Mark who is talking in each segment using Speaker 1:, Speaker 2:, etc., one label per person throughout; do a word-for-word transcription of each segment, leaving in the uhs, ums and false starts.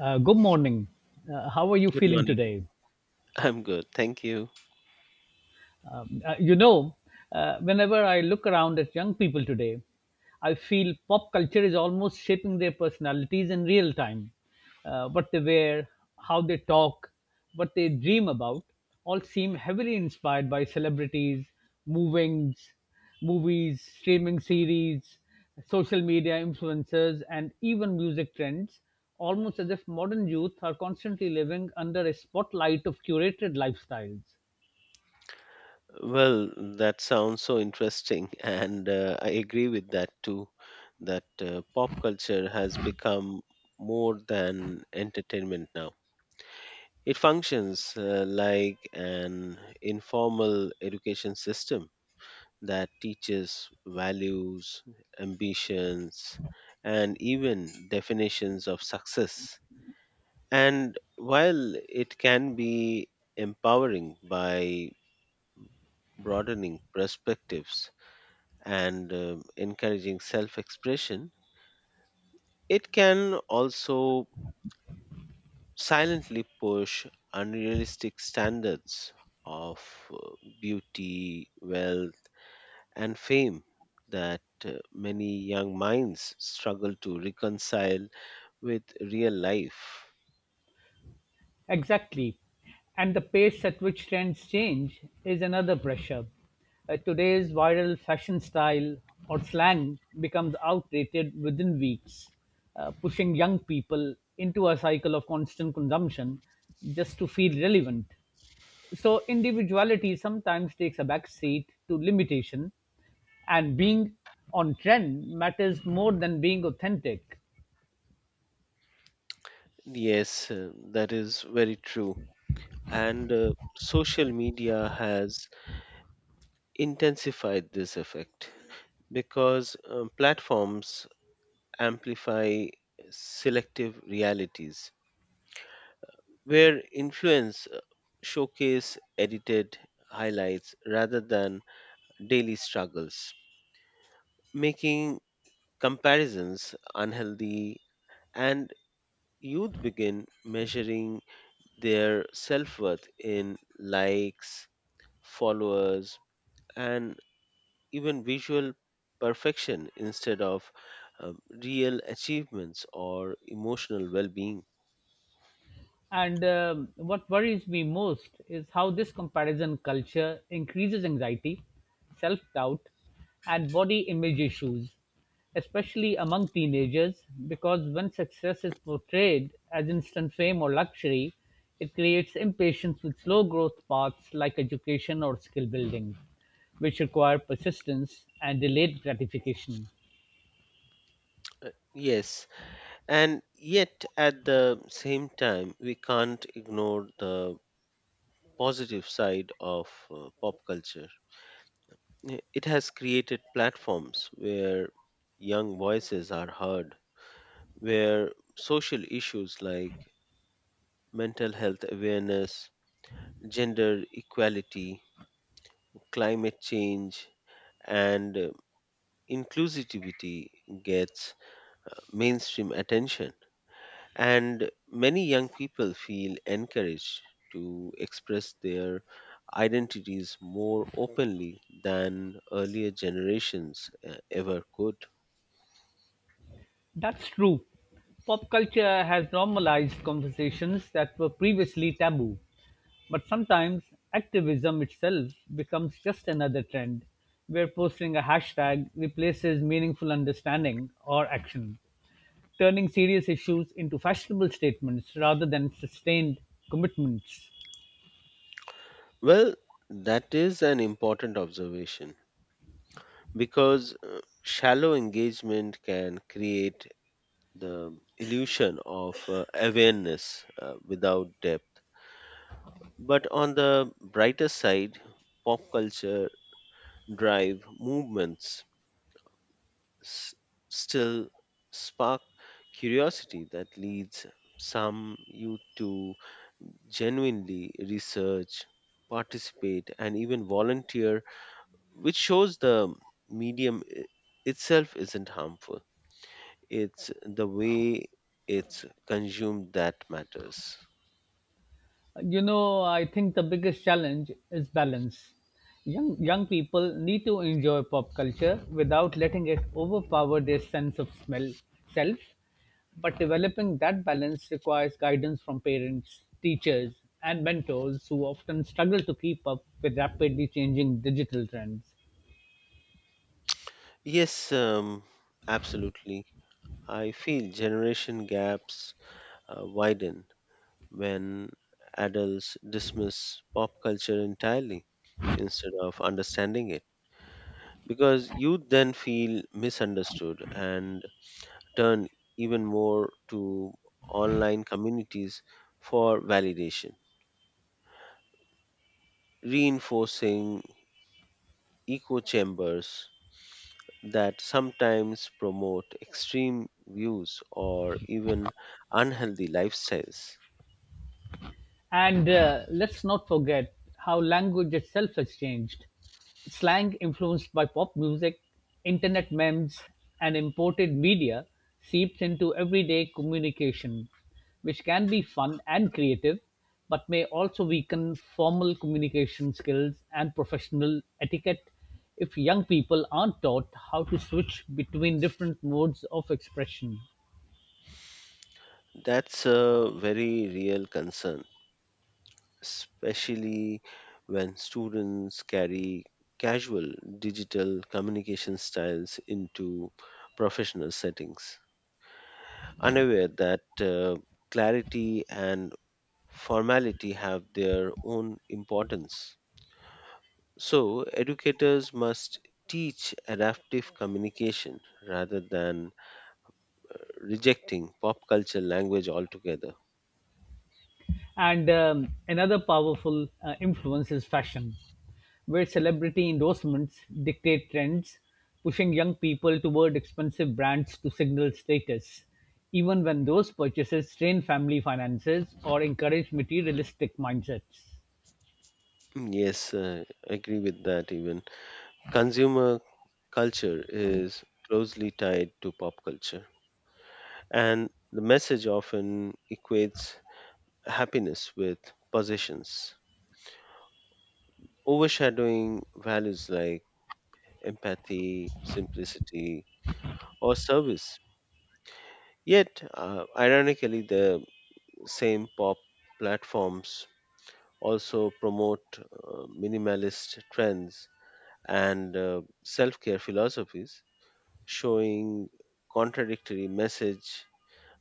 Speaker 1: Uh, good morning. Uh, how are you
Speaker 2: Good
Speaker 1: feeling
Speaker 2: morning.
Speaker 1: today?
Speaker 2: I'm good. Thank you.
Speaker 1: Um, uh, you know, uh, Whenever I look around at young people today, I feel pop culture is almost shaping their personalities in real time. Uh, what they wear, how they talk, what they dream about, all seem heavily inspired by celebrities, movings, movies, streaming series, social media influencers, and even music trends, almost as if modern youth are constantly living under a spotlight of curated lifestyles.
Speaker 2: Well, that sounds so interesting. And uh, I agree with that too, that uh, pop culture has become more than entertainment now. It functions uh, like an informal education system that teaches values, ambitions, and even definitions of success. And while it can be empowering by broadening perspectives, and um, encouraging self expression, it can also silently push unrealistic standards of uh, beauty, wealth, and fame that uh, many young minds struggle to reconcile with real life.
Speaker 1: Exactly. And the pace at which trends change is another pressure. Uh, today's viral fashion style or slang becomes outdated within weeks, uh, pushing young people into a cycle of constant consumption just to feel relevant. So, individuality sometimes takes a back seat to limitation, and being on trend matters more than being authentic.
Speaker 2: Yes, uh, that is very true. And uh, social media has intensified this effect because um, platforms amplify selective realities where influence uh, showcase edited highlights rather than daily struggles, making comparisons unhealthy, and youth begin measuring their self-worth in likes, followers, and even visual perfection instead of um, real achievements or emotional well being.
Speaker 1: And um, what worries me most is how this comparison culture increases anxiety, self doubt, and body image issues, especially among teenagers, because when success is portrayed as instant fame or luxury, it creates impatience with slow growth paths like education or skill building, which require persistence and delayed gratification.
Speaker 2: Yes, and yet at the same time, we can't ignore the positive side of uh, pop culture. I- It has created platforms where young voices are heard, where social issues like mental health awareness, gender equality, climate change, and uh, inclusivity gets uh, mainstream attention, and many young people feel encouraged to express their identities more openly than earlier generations uh, ever could.
Speaker 1: That's true. Pop culture has normalized conversations that were previously taboo. But sometimes activism itself becomes just another trend, where posting a hashtag replaces meaningful understanding or action, turning serious issues into fashionable statements rather than sustained commitments.
Speaker 2: Well, that is an important observation because uh, shallow engagement can create the illusion of uh, awareness uh, without depth, but on the brighter side, pop culture drive movements s- still spark curiosity that leads some youth to genuinely research, participate, and even volunteer, which shows the medium i- itself isn't harmful. It's the way it's consumed that matters.
Speaker 1: You know, I think the biggest challenge is balance. Young young people need to enjoy pop culture without letting it overpower their sense of smell self, but developing that balance requires guidance from parents, teachers, and mentors who often struggle to keep up with rapidly changing digital trends.
Speaker 2: Yes, um, absolutely. I feel generation gaps uh, widen when adults dismiss pop culture entirely instead of understanding it, because youth then feel misunderstood and turn even more to online communities for validation, reinforcing echo chambers that sometimes promote extreme views or even unhealthy lifestyles.
Speaker 1: And uh, let's not forget how language itself has changed. Slang influenced by pop music, internet memes, and imported media seeps into everyday communication, which can be fun and creative, but may also weaken formal communication skills and professional etiquette if young people aren't taught how to switch between different modes of expression.
Speaker 2: That's a very real concern, especially when students carry casual digital communication styles into professional settings, unaware that uh, clarity and formality have their own importance. So, educators must teach adaptive communication rather than rejecting pop culture language altogether.
Speaker 1: And um, another powerful uh, influence is fashion, where celebrity endorsements dictate trends, pushing young people toward expensive brands to signal status, even when those purchases strain family finances or encourage materialistic mindsets.
Speaker 2: Mm, yes, uh, I agree with that. Even consumer culture is closely tied to pop culture, and the message often equates happiness with possessions, overshadowing values like empathy, simplicity, or service. Yet, uh, ironically, the same pop platforms also promote uh, minimalist trends and uh, self care philosophies, showing contradictory message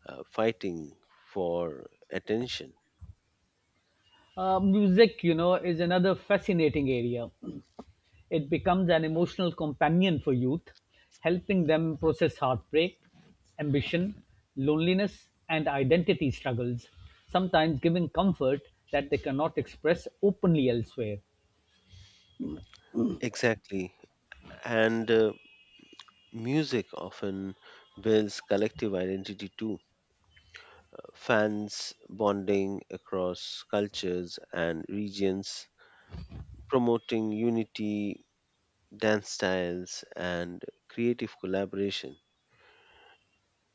Speaker 2: uh, fighting for attention.
Speaker 1: Uh, music, you know, is another fascinating area. It becomes an emotional companion for youth, helping them process heartbreak, ambition, loneliness, and identity struggles, sometimes giving comfort that they cannot express openly elsewhere.
Speaker 2: Exactly. And uh, music often builds collective identity too. Fans bonding across cultures and regions, promoting unity, dance styles, and creative collaboration.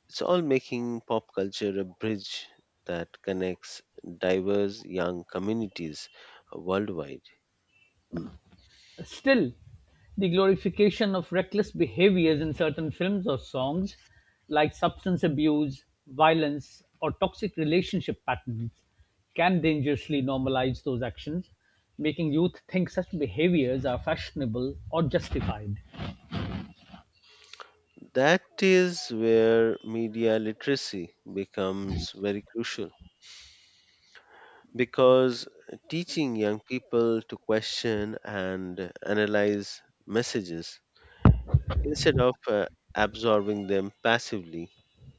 Speaker 2: It's all making pop culture a bridge that connects diverse young communities worldwide.
Speaker 1: Still, the glorification of reckless behaviors in certain films or songs, like substance abuse, violence, or toxic relationship patterns, can dangerously normalize those actions, making youth think such behaviors are fashionable or justified.
Speaker 2: That is where media literacy becomes very crucial, because teaching young people to question and analyze messages instead of uh, absorbing them passively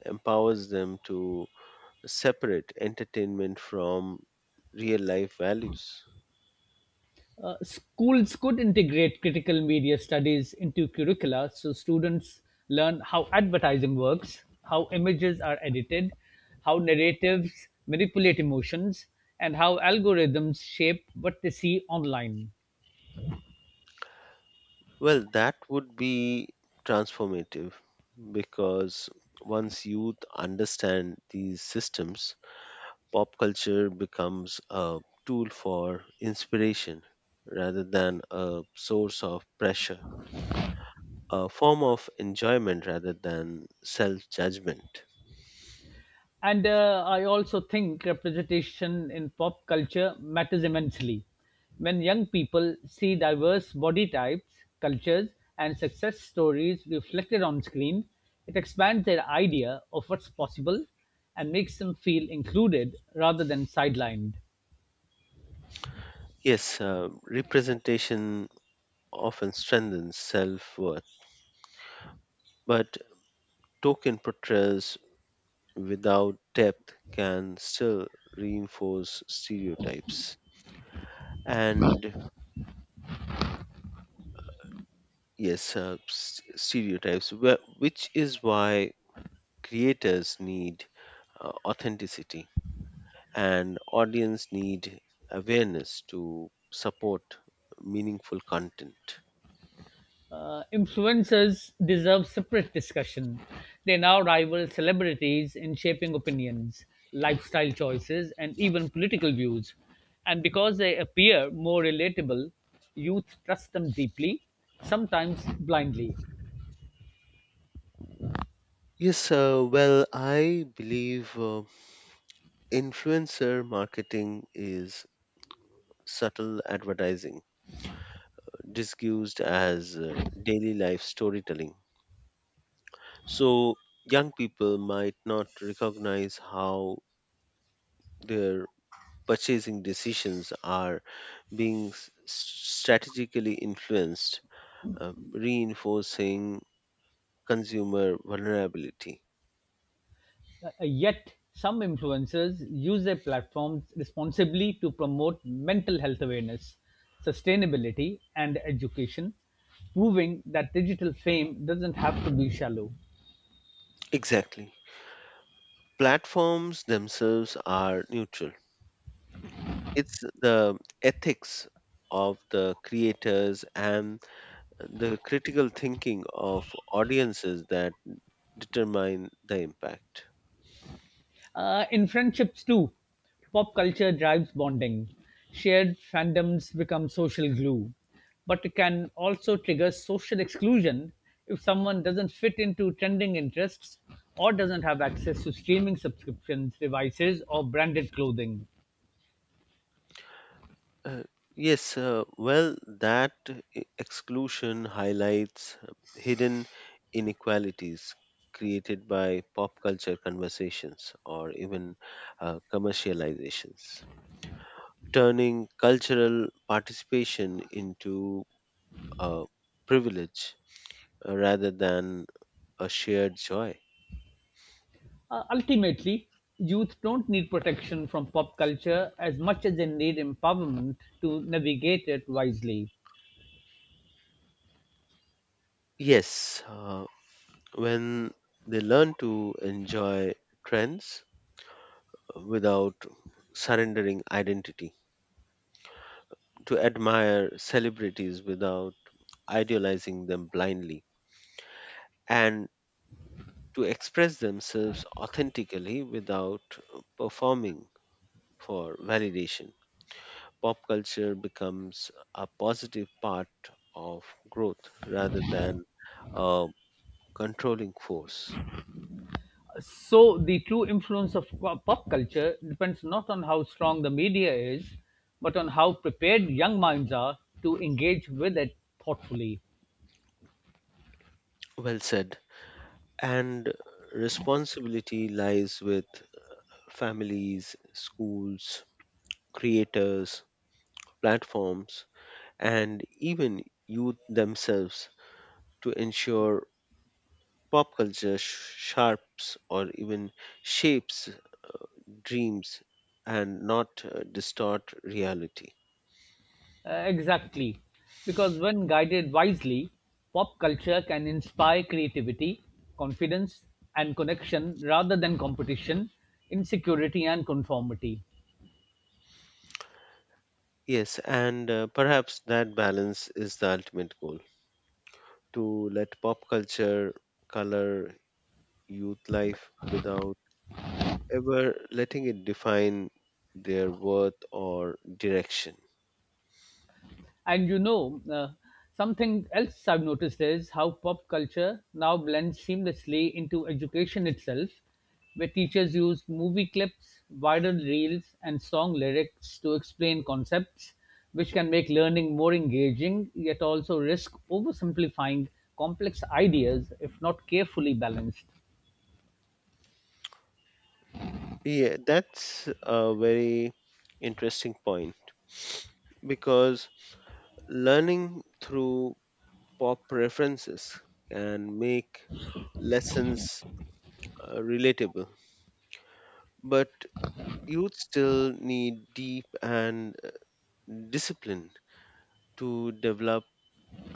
Speaker 2: empowers them to separate entertainment from real life values.
Speaker 1: Uh, schools could integrate critical media studies into curricula so students learn how advertising works, how images are edited, how narratives manipulate emotions, and how algorithms shape what they see online.
Speaker 2: Well, that would be transformative, because once youth understand these systems, pop culture becomes a tool for inspiration rather than a source of pressure, a form of enjoyment rather than self judgment.
Speaker 1: And uh, I also think representation in pop culture matters immensely. When young people see diverse body types, cultures, and success stories reflected on screen, it expands their idea of what's possible and makes them feel included rather than sidelined.
Speaker 2: Yes, uh, representation often strengthens self worth, but token portrayals without depth can still reinforce stereotypes. And yes, uh, s- stereotypes, wh- which is why creators need uh, authenticity and audience need awareness to support meaningful content.
Speaker 1: Uh, Influencers deserve separate discussion. They now rival celebrities in shaping opinions, lifestyle choices, and even political views. And because they appear more relatable, youth trust them deeply, sometimes blindly.
Speaker 2: Yes, uh, well, I believe uh, influencer marketing is subtle advertising disguised as uh, daily life storytelling. So, young people might not recognize how their purchasing decisions are being s- strategically influenced, uh, reinforcing consumer vulnerability.
Speaker 1: Uh, yet, some influencers use their platforms responsibly to promote mental health awareness, sustainability, and education, proving that digital fame doesn't have to be shallow.
Speaker 2: Exactly. Platforms themselves are neutral. It's the ethics of the creators and the critical thinking of audiences that determine the impact.
Speaker 1: Uh, in friendships too, pop culture drives bonding. Shared fandoms become social glue, but it can also trigger social exclusion if someone doesn't fit into trending interests or doesn't have access to streaming subscriptions, devices, or branded clothing.
Speaker 2: Uh, yes, uh, well, that e- exclusion highlights hidden inequalities created by pop culture conversations or even uh, commercializations, turning cultural participation into a privilege uh, rather than a shared joy.
Speaker 1: Uh, ultimately, youth don't need protection from pop culture as much as they need empowerment to navigate it wisely.
Speaker 2: Yes, uh, when they learn to enjoy trends without surrendering identity, to admire celebrities without idealizing them blindly, and to express themselves authentically without performing for validation, pop culture becomes a positive part of growth rather than a controlling force.
Speaker 1: So the true influence of co- pop culture depends not on how strong the media is, but on how prepared young minds are to engage with it thoughtfully.
Speaker 2: Well said. And responsibility lies with families, schools, creators, platforms, and even youth themselves to ensure pop culture sh- sharps or even shapes dreams and not uh, distort reality.
Speaker 1: Uh, exactly. Because when guided wisely, pop culture can inspire creativity, confidence, and connection rather than competition, insecurity, and conformity.
Speaker 2: Yes, and uh, perhaps that balance is the ultimate goal, to let pop culture color youth life without ever letting it define their worth or direction.
Speaker 1: And you know, uh, something else I've noticed is how pop culture now blends seamlessly into education itself, where teachers use movie clips, viral reels, and song lyrics to explain concepts, which can make learning more engaging, yet also risk oversimplifying complex ideas if not carefully balanced.
Speaker 2: Yeah, that's a very interesting point, because learning through pop references can make lessons uh, relatable, but youth still need deep and uh, disciplined to develop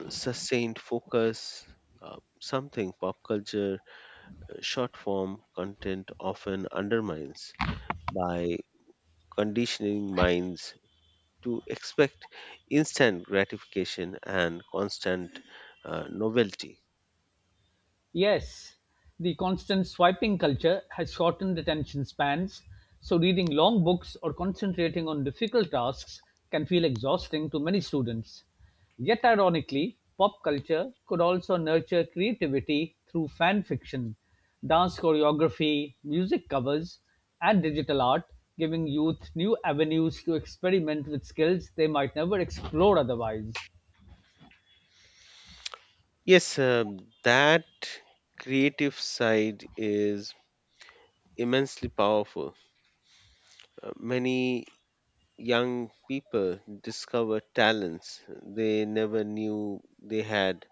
Speaker 2: sustained focus, uh, something pop culture uh, short form content often undermines by conditioning minds to expect instant gratification and constant uh, novelty.
Speaker 1: Yes, the constant swiping culture has shortened attention spans, so reading long books or concentrating on difficult tasks can feel exhausting to many students. Yet, ironically, pop culture could also nurture creativity through fan fiction, dance choreography, music covers, and digital art, giving youth new avenues to experiment with skills they might never explore otherwise.
Speaker 2: Yes, um, that creative side is immensely powerful. Uh, many young people discover talents they never knew they had,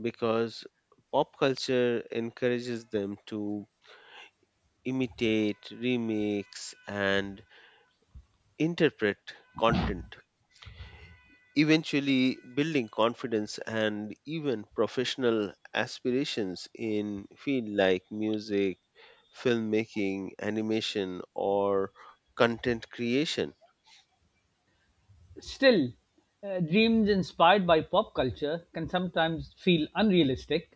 Speaker 2: because pop culture encourages them to imitate, remix, and interpret content, eventually building confidence and even professional aspirations in fields like music, filmmaking, animation, or content creation.
Speaker 1: Still, uh, dreams inspired by pop culture can sometimes feel unrealistic,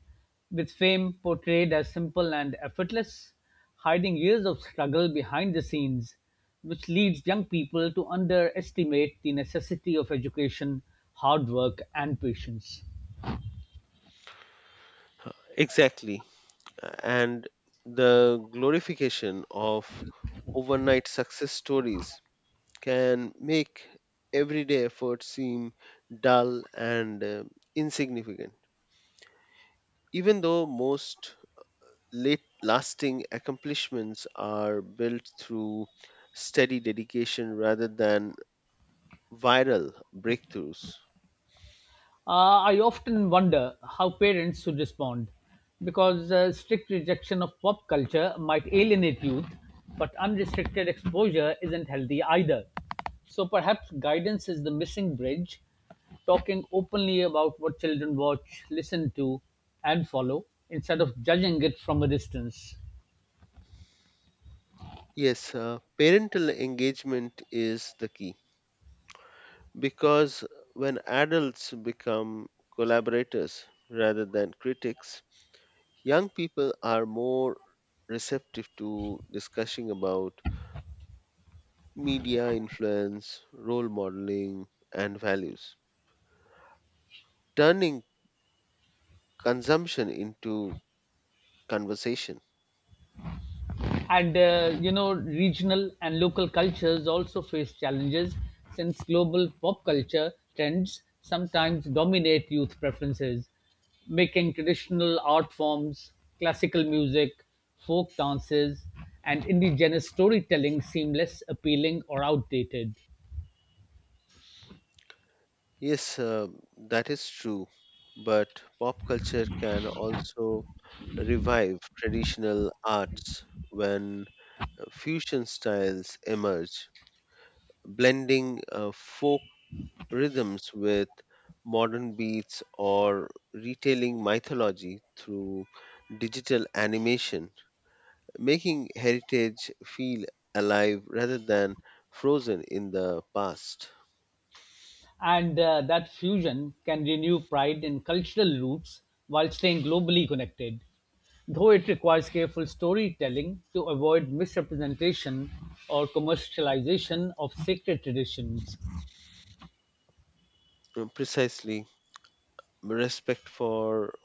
Speaker 1: with fame portrayed as simple and effortless, hiding years of struggle behind the scenes, which leads young people to underestimate the necessity of education, hard work, and patience.
Speaker 2: Exactly. And the glorification of overnight success stories can make everyday effort seem dull and uh, insignificant, even though most late lasting accomplishments are built through steady dedication rather than viral breakthroughs.
Speaker 1: Uh, I often wonder how parents should respond because uh, strict rejection of pop culture might alienate youth, but unrestricted exposure isn't healthy either. So perhaps guidance is the missing bridge, talking openly about what children watch, listen to, and follow instead of judging it from a distance.
Speaker 2: Yes, uh, parental engagement is the key, because when adults become collaborators rather than critics, young people are more receptive to discussing about media influence, role modeling, and values, turning consumption into conversation.
Speaker 1: And uh, you know, regional and local cultures also face challenges since global pop culture trends sometimes dominate youth preferences, making traditional art forms, classical music, folk dances, and indigenous storytelling seem less appealing or outdated.
Speaker 2: Yes, uh, that is true, but pop culture can also revive traditional arts when uh, fusion styles emerge, blending uh, folk rhythms with modern beats or retelling mythology through digital animation, making heritage feel alive rather than frozen in the past.
Speaker 1: and uh, that fusion can renew pride in cultural roots while staying globally connected, though it requires careful storytelling to avoid misrepresentation or commercialization of sacred traditions.
Speaker 2: Uh, Precisely, respect for,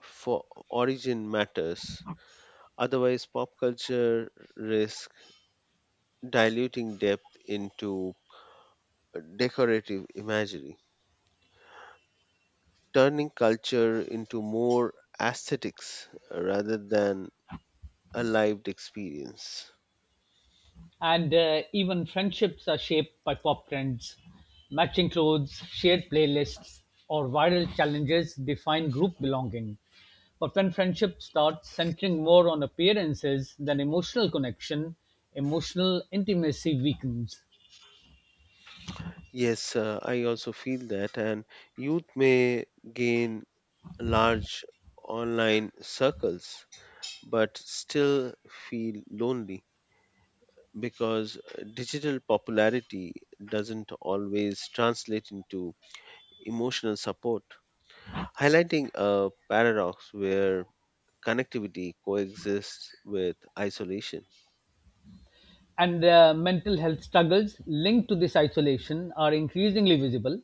Speaker 2: for origin matters. Otherwise, pop culture risks diluting depth into decorative imagery, turning culture into more aesthetics uh, rather than a lived experience.
Speaker 1: And uh, even friendships are shaped by pop trends. Matching clothes, shared playlists, or viral challenges define group belonging. But when friendship starts centering more on appearances than emotional connection, emotional intimacy weakens.
Speaker 2: Yes, uh, I also feel that, and youth may gain large online circles but still feel lonely, because digital popularity doesn't always translate into emotional support, highlighting a paradox where connectivity coexists with isolation.
Speaker 1: And the mental health struggles linked to this isolation are increasingly visible,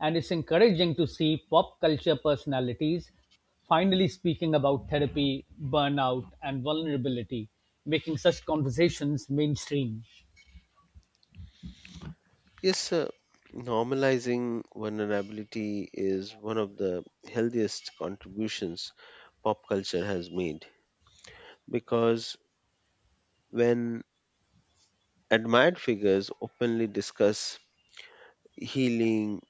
Speaker 1: and it's encouraging to see pop culture personalities finally speaking about therapy, burnout, and vulnerability, making such conversations mainstream.
Speaker 2: Yes, uh, normalizing vulnerability is one of the healthiest contributions pop culture has made, because when admired figures openly discuss healing,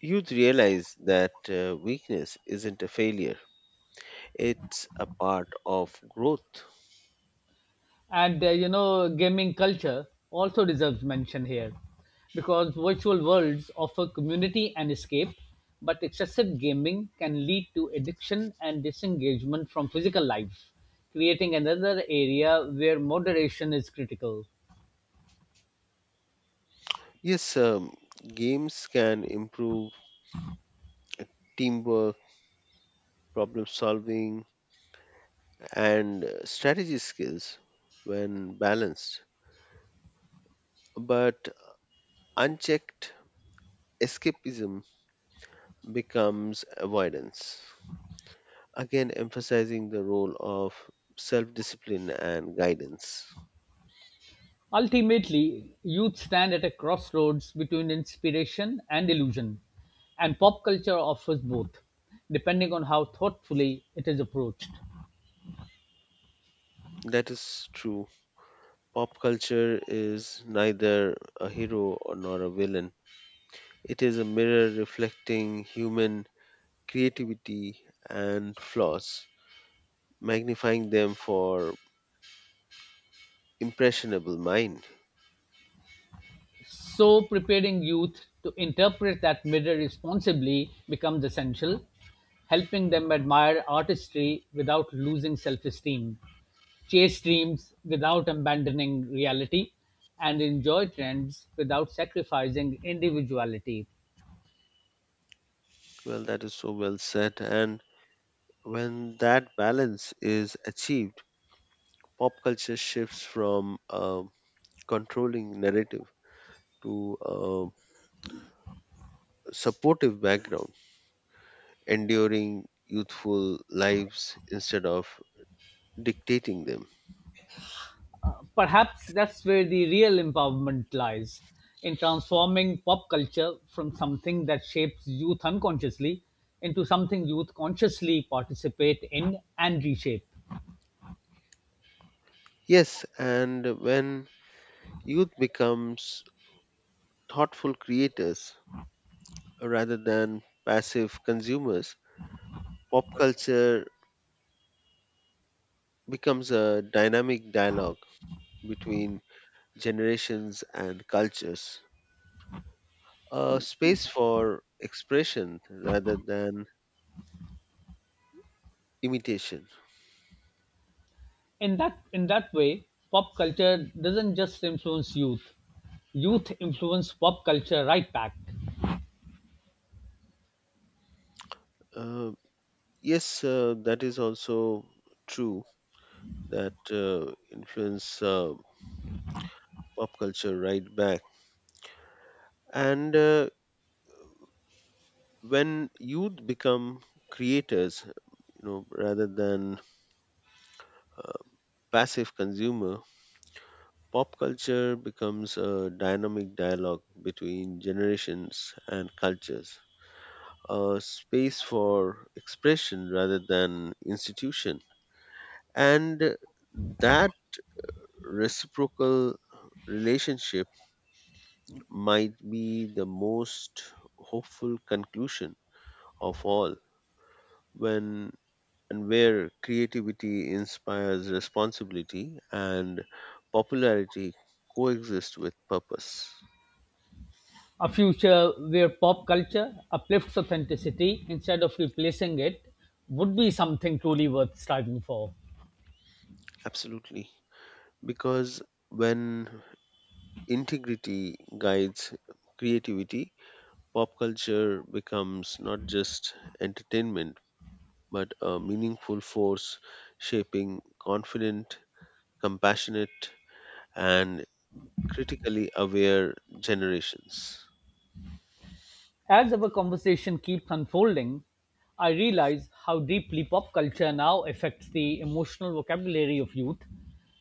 Speaker 2: youth realize that uh, weakness isn't a failure, it's a part of growth.
Speaker 1: and uh, you know gaming culture also deserves mention here because virtual worlds offer community and escape, but excessive gaming can lead to addiction and disengagement from physical life, creating another area where moderation is critical.
Speaker 2: Yes, um, games can improve teamwork, problem solving, and uh, strategy skills when balanced, but unchecked escapism becomes avoidance. Again, emphasizing the role of self discipline and guidance.
Speaker 1: Ultimately, youth stand at a crossroads between inspiration and illusion, and pop culture offers both, depending on how thoughtfully it is approached.
Speaker 2: That is true. Pop culture is neither a hero or nor a villain. It is a mirror reflecting human creativity and flaws, magnifying them for impressionable mind.
Speaker 1: So, preparing youth to interpret that mirror responsibly becomes essential, helping them admire artistry without losing self esteem, chase dreams without abandoning reality, and enjoy trends without sacrificing individuality.
Speaker 2: Well, that is so well said. And when that balance is achieved, pop culture shifts from a controlling narrative to a supportive background, enduring youthful lives instead of dictating them.
Speaker 1: Perhaps that's where the real empowerment lies, in transforming pop culture from something that shapes youth unconsciously into something youth consciously participate in and reshape.
Speaker 2: Yes, and when youth becomes thoughtful creators rather than passive consumers, pop culture becomes a dynamic dialogue between generations and cultures, a space for expression rather than imitation.
Speaker 1: In that in that way, pop culture doesn't just influence youth. Youth influence pop culture right back.
Speaker 2: Uh, yes, uh, that is also true, that uh, influence uh, pop culture right back. And uh, when youth become creators, you know, rather than uh, passive consumer, pop culture becomes a dynamic dialogue between generations and cultures, a space for expression rather than institution, and that reciprocal relationship might be the most hopeful conclusion of all, when and where creativity inspires responsibility and popularity coexist with purpose.
Speaker 1: A future where pop culture uplifts authenticity instead of replacing it would be something truly worth striving for.
Speaker 2: Absolutely. Because when integrity guides creativity, pop culture becomes not just entertainment, but a meaningful force shaping confident, compassionate, and critically aware generations.
Speaker 1: As our conversation keeps unfolding, I realize how deeply pop culture now affects the emotional vocabulary of youth,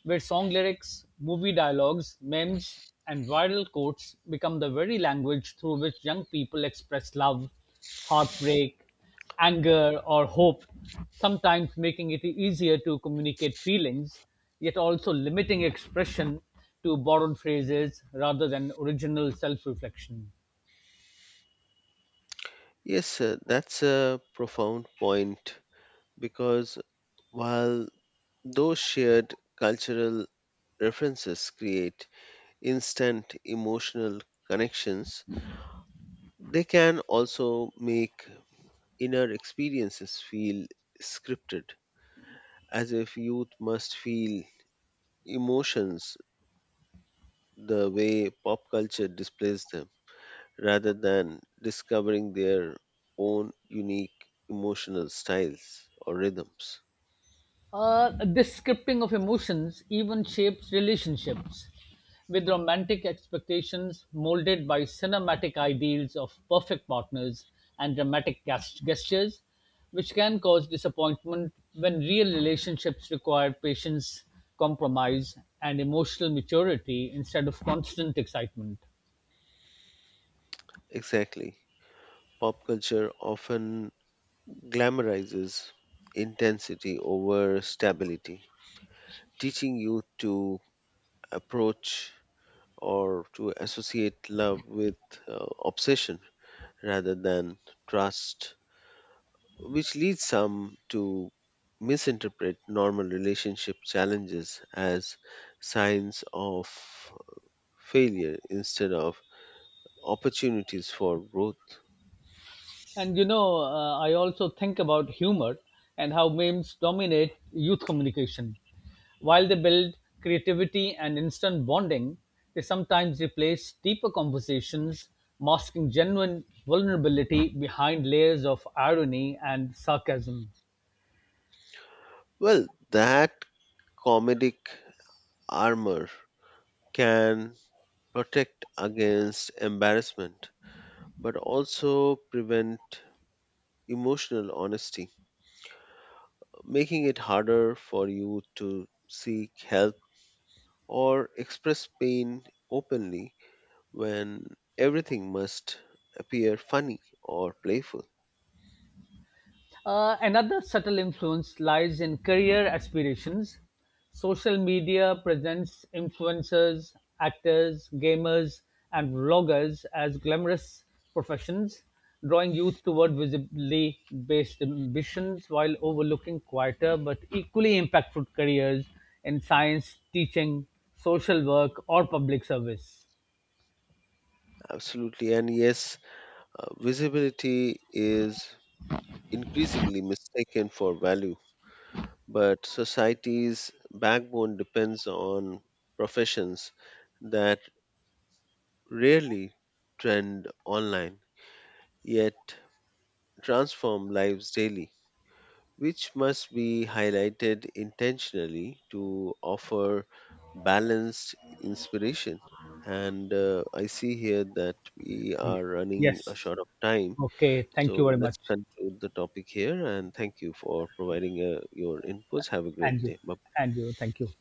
Speaker 1: where song lyrics, movie dialogues, memes, and viral quotes become the very language through which young people express love, heartbreak, anger, or hope, sometimes making it easier to communicate feelings, yet also limiting expression to borrowed phrases rather than original self reflection.
Speaker 2: Yes, uh, that's a profound point, because while those shared cultural references create instant emotional connections, they can also make inner experiences feel scripted, as if youth must feel emotions the way pop culture displays them, rather than discovering their own unique emotional styles or rhythms.
Speaker 1: Uh, this scripting of emotions even shapes relationships, with romantic expectations molded by cinematic ideals of perfect partners and dramatic gas- gestures, which can cause disappointment when real relationships require patience, compromise, and emotional maturity instead of constant excitement.
Speaker 2: Exactly. Pop culture often glamorizes intensity over stability, teaching youth to approach or to associate love with uh, obsession rather than trust, which leads some to misinterpret normal relationship challenges as signs of failure instead of opportunities for growth.
Speaker 1: And you know, uh, I also think about humor and how memes dominate youth communication. While they build creativity and instant bonding, they sometimes replace deeper conversations, masking genuine vulnerability behind layers of irony and sarcasm.
Speaker 2: Well, that comedic armor can protect against embarrassment, but also prevent emotional honesty, making it harder for you to seek help or express pain openly when everything must appear funny or playful.
Speaker 1: Uh, another subtle influence lies in career aspirations. Social media presents influencers, actors, gamers, and vloggers as glamorous professions, drawing youth toward visibly based ambitions while overlooking quieter but equally impactful careers in science, teaching, social work, or public service.
Speaker 2: Absolutely. And yes, uh, visibility is increasingly mistaken for value, but society's backbone depends on professions that rarely trend online yet transform lives daily, which must be highlighted intentionally to offer balanced inspiration. And uh, I see here that we are running a
Speaker 1: Yes.
Speaker 2: short of time.
Speaker 1: Okay. Thank you
Speaker 2: So
Speaker 1: very much.
Speaker 2: let's conclude the topic here. And thank you for providing uh, your inputs. Have a great
Speaker 1: And you.
Speaker 2: day. Bye.
Speaker 1: And you. Thank you.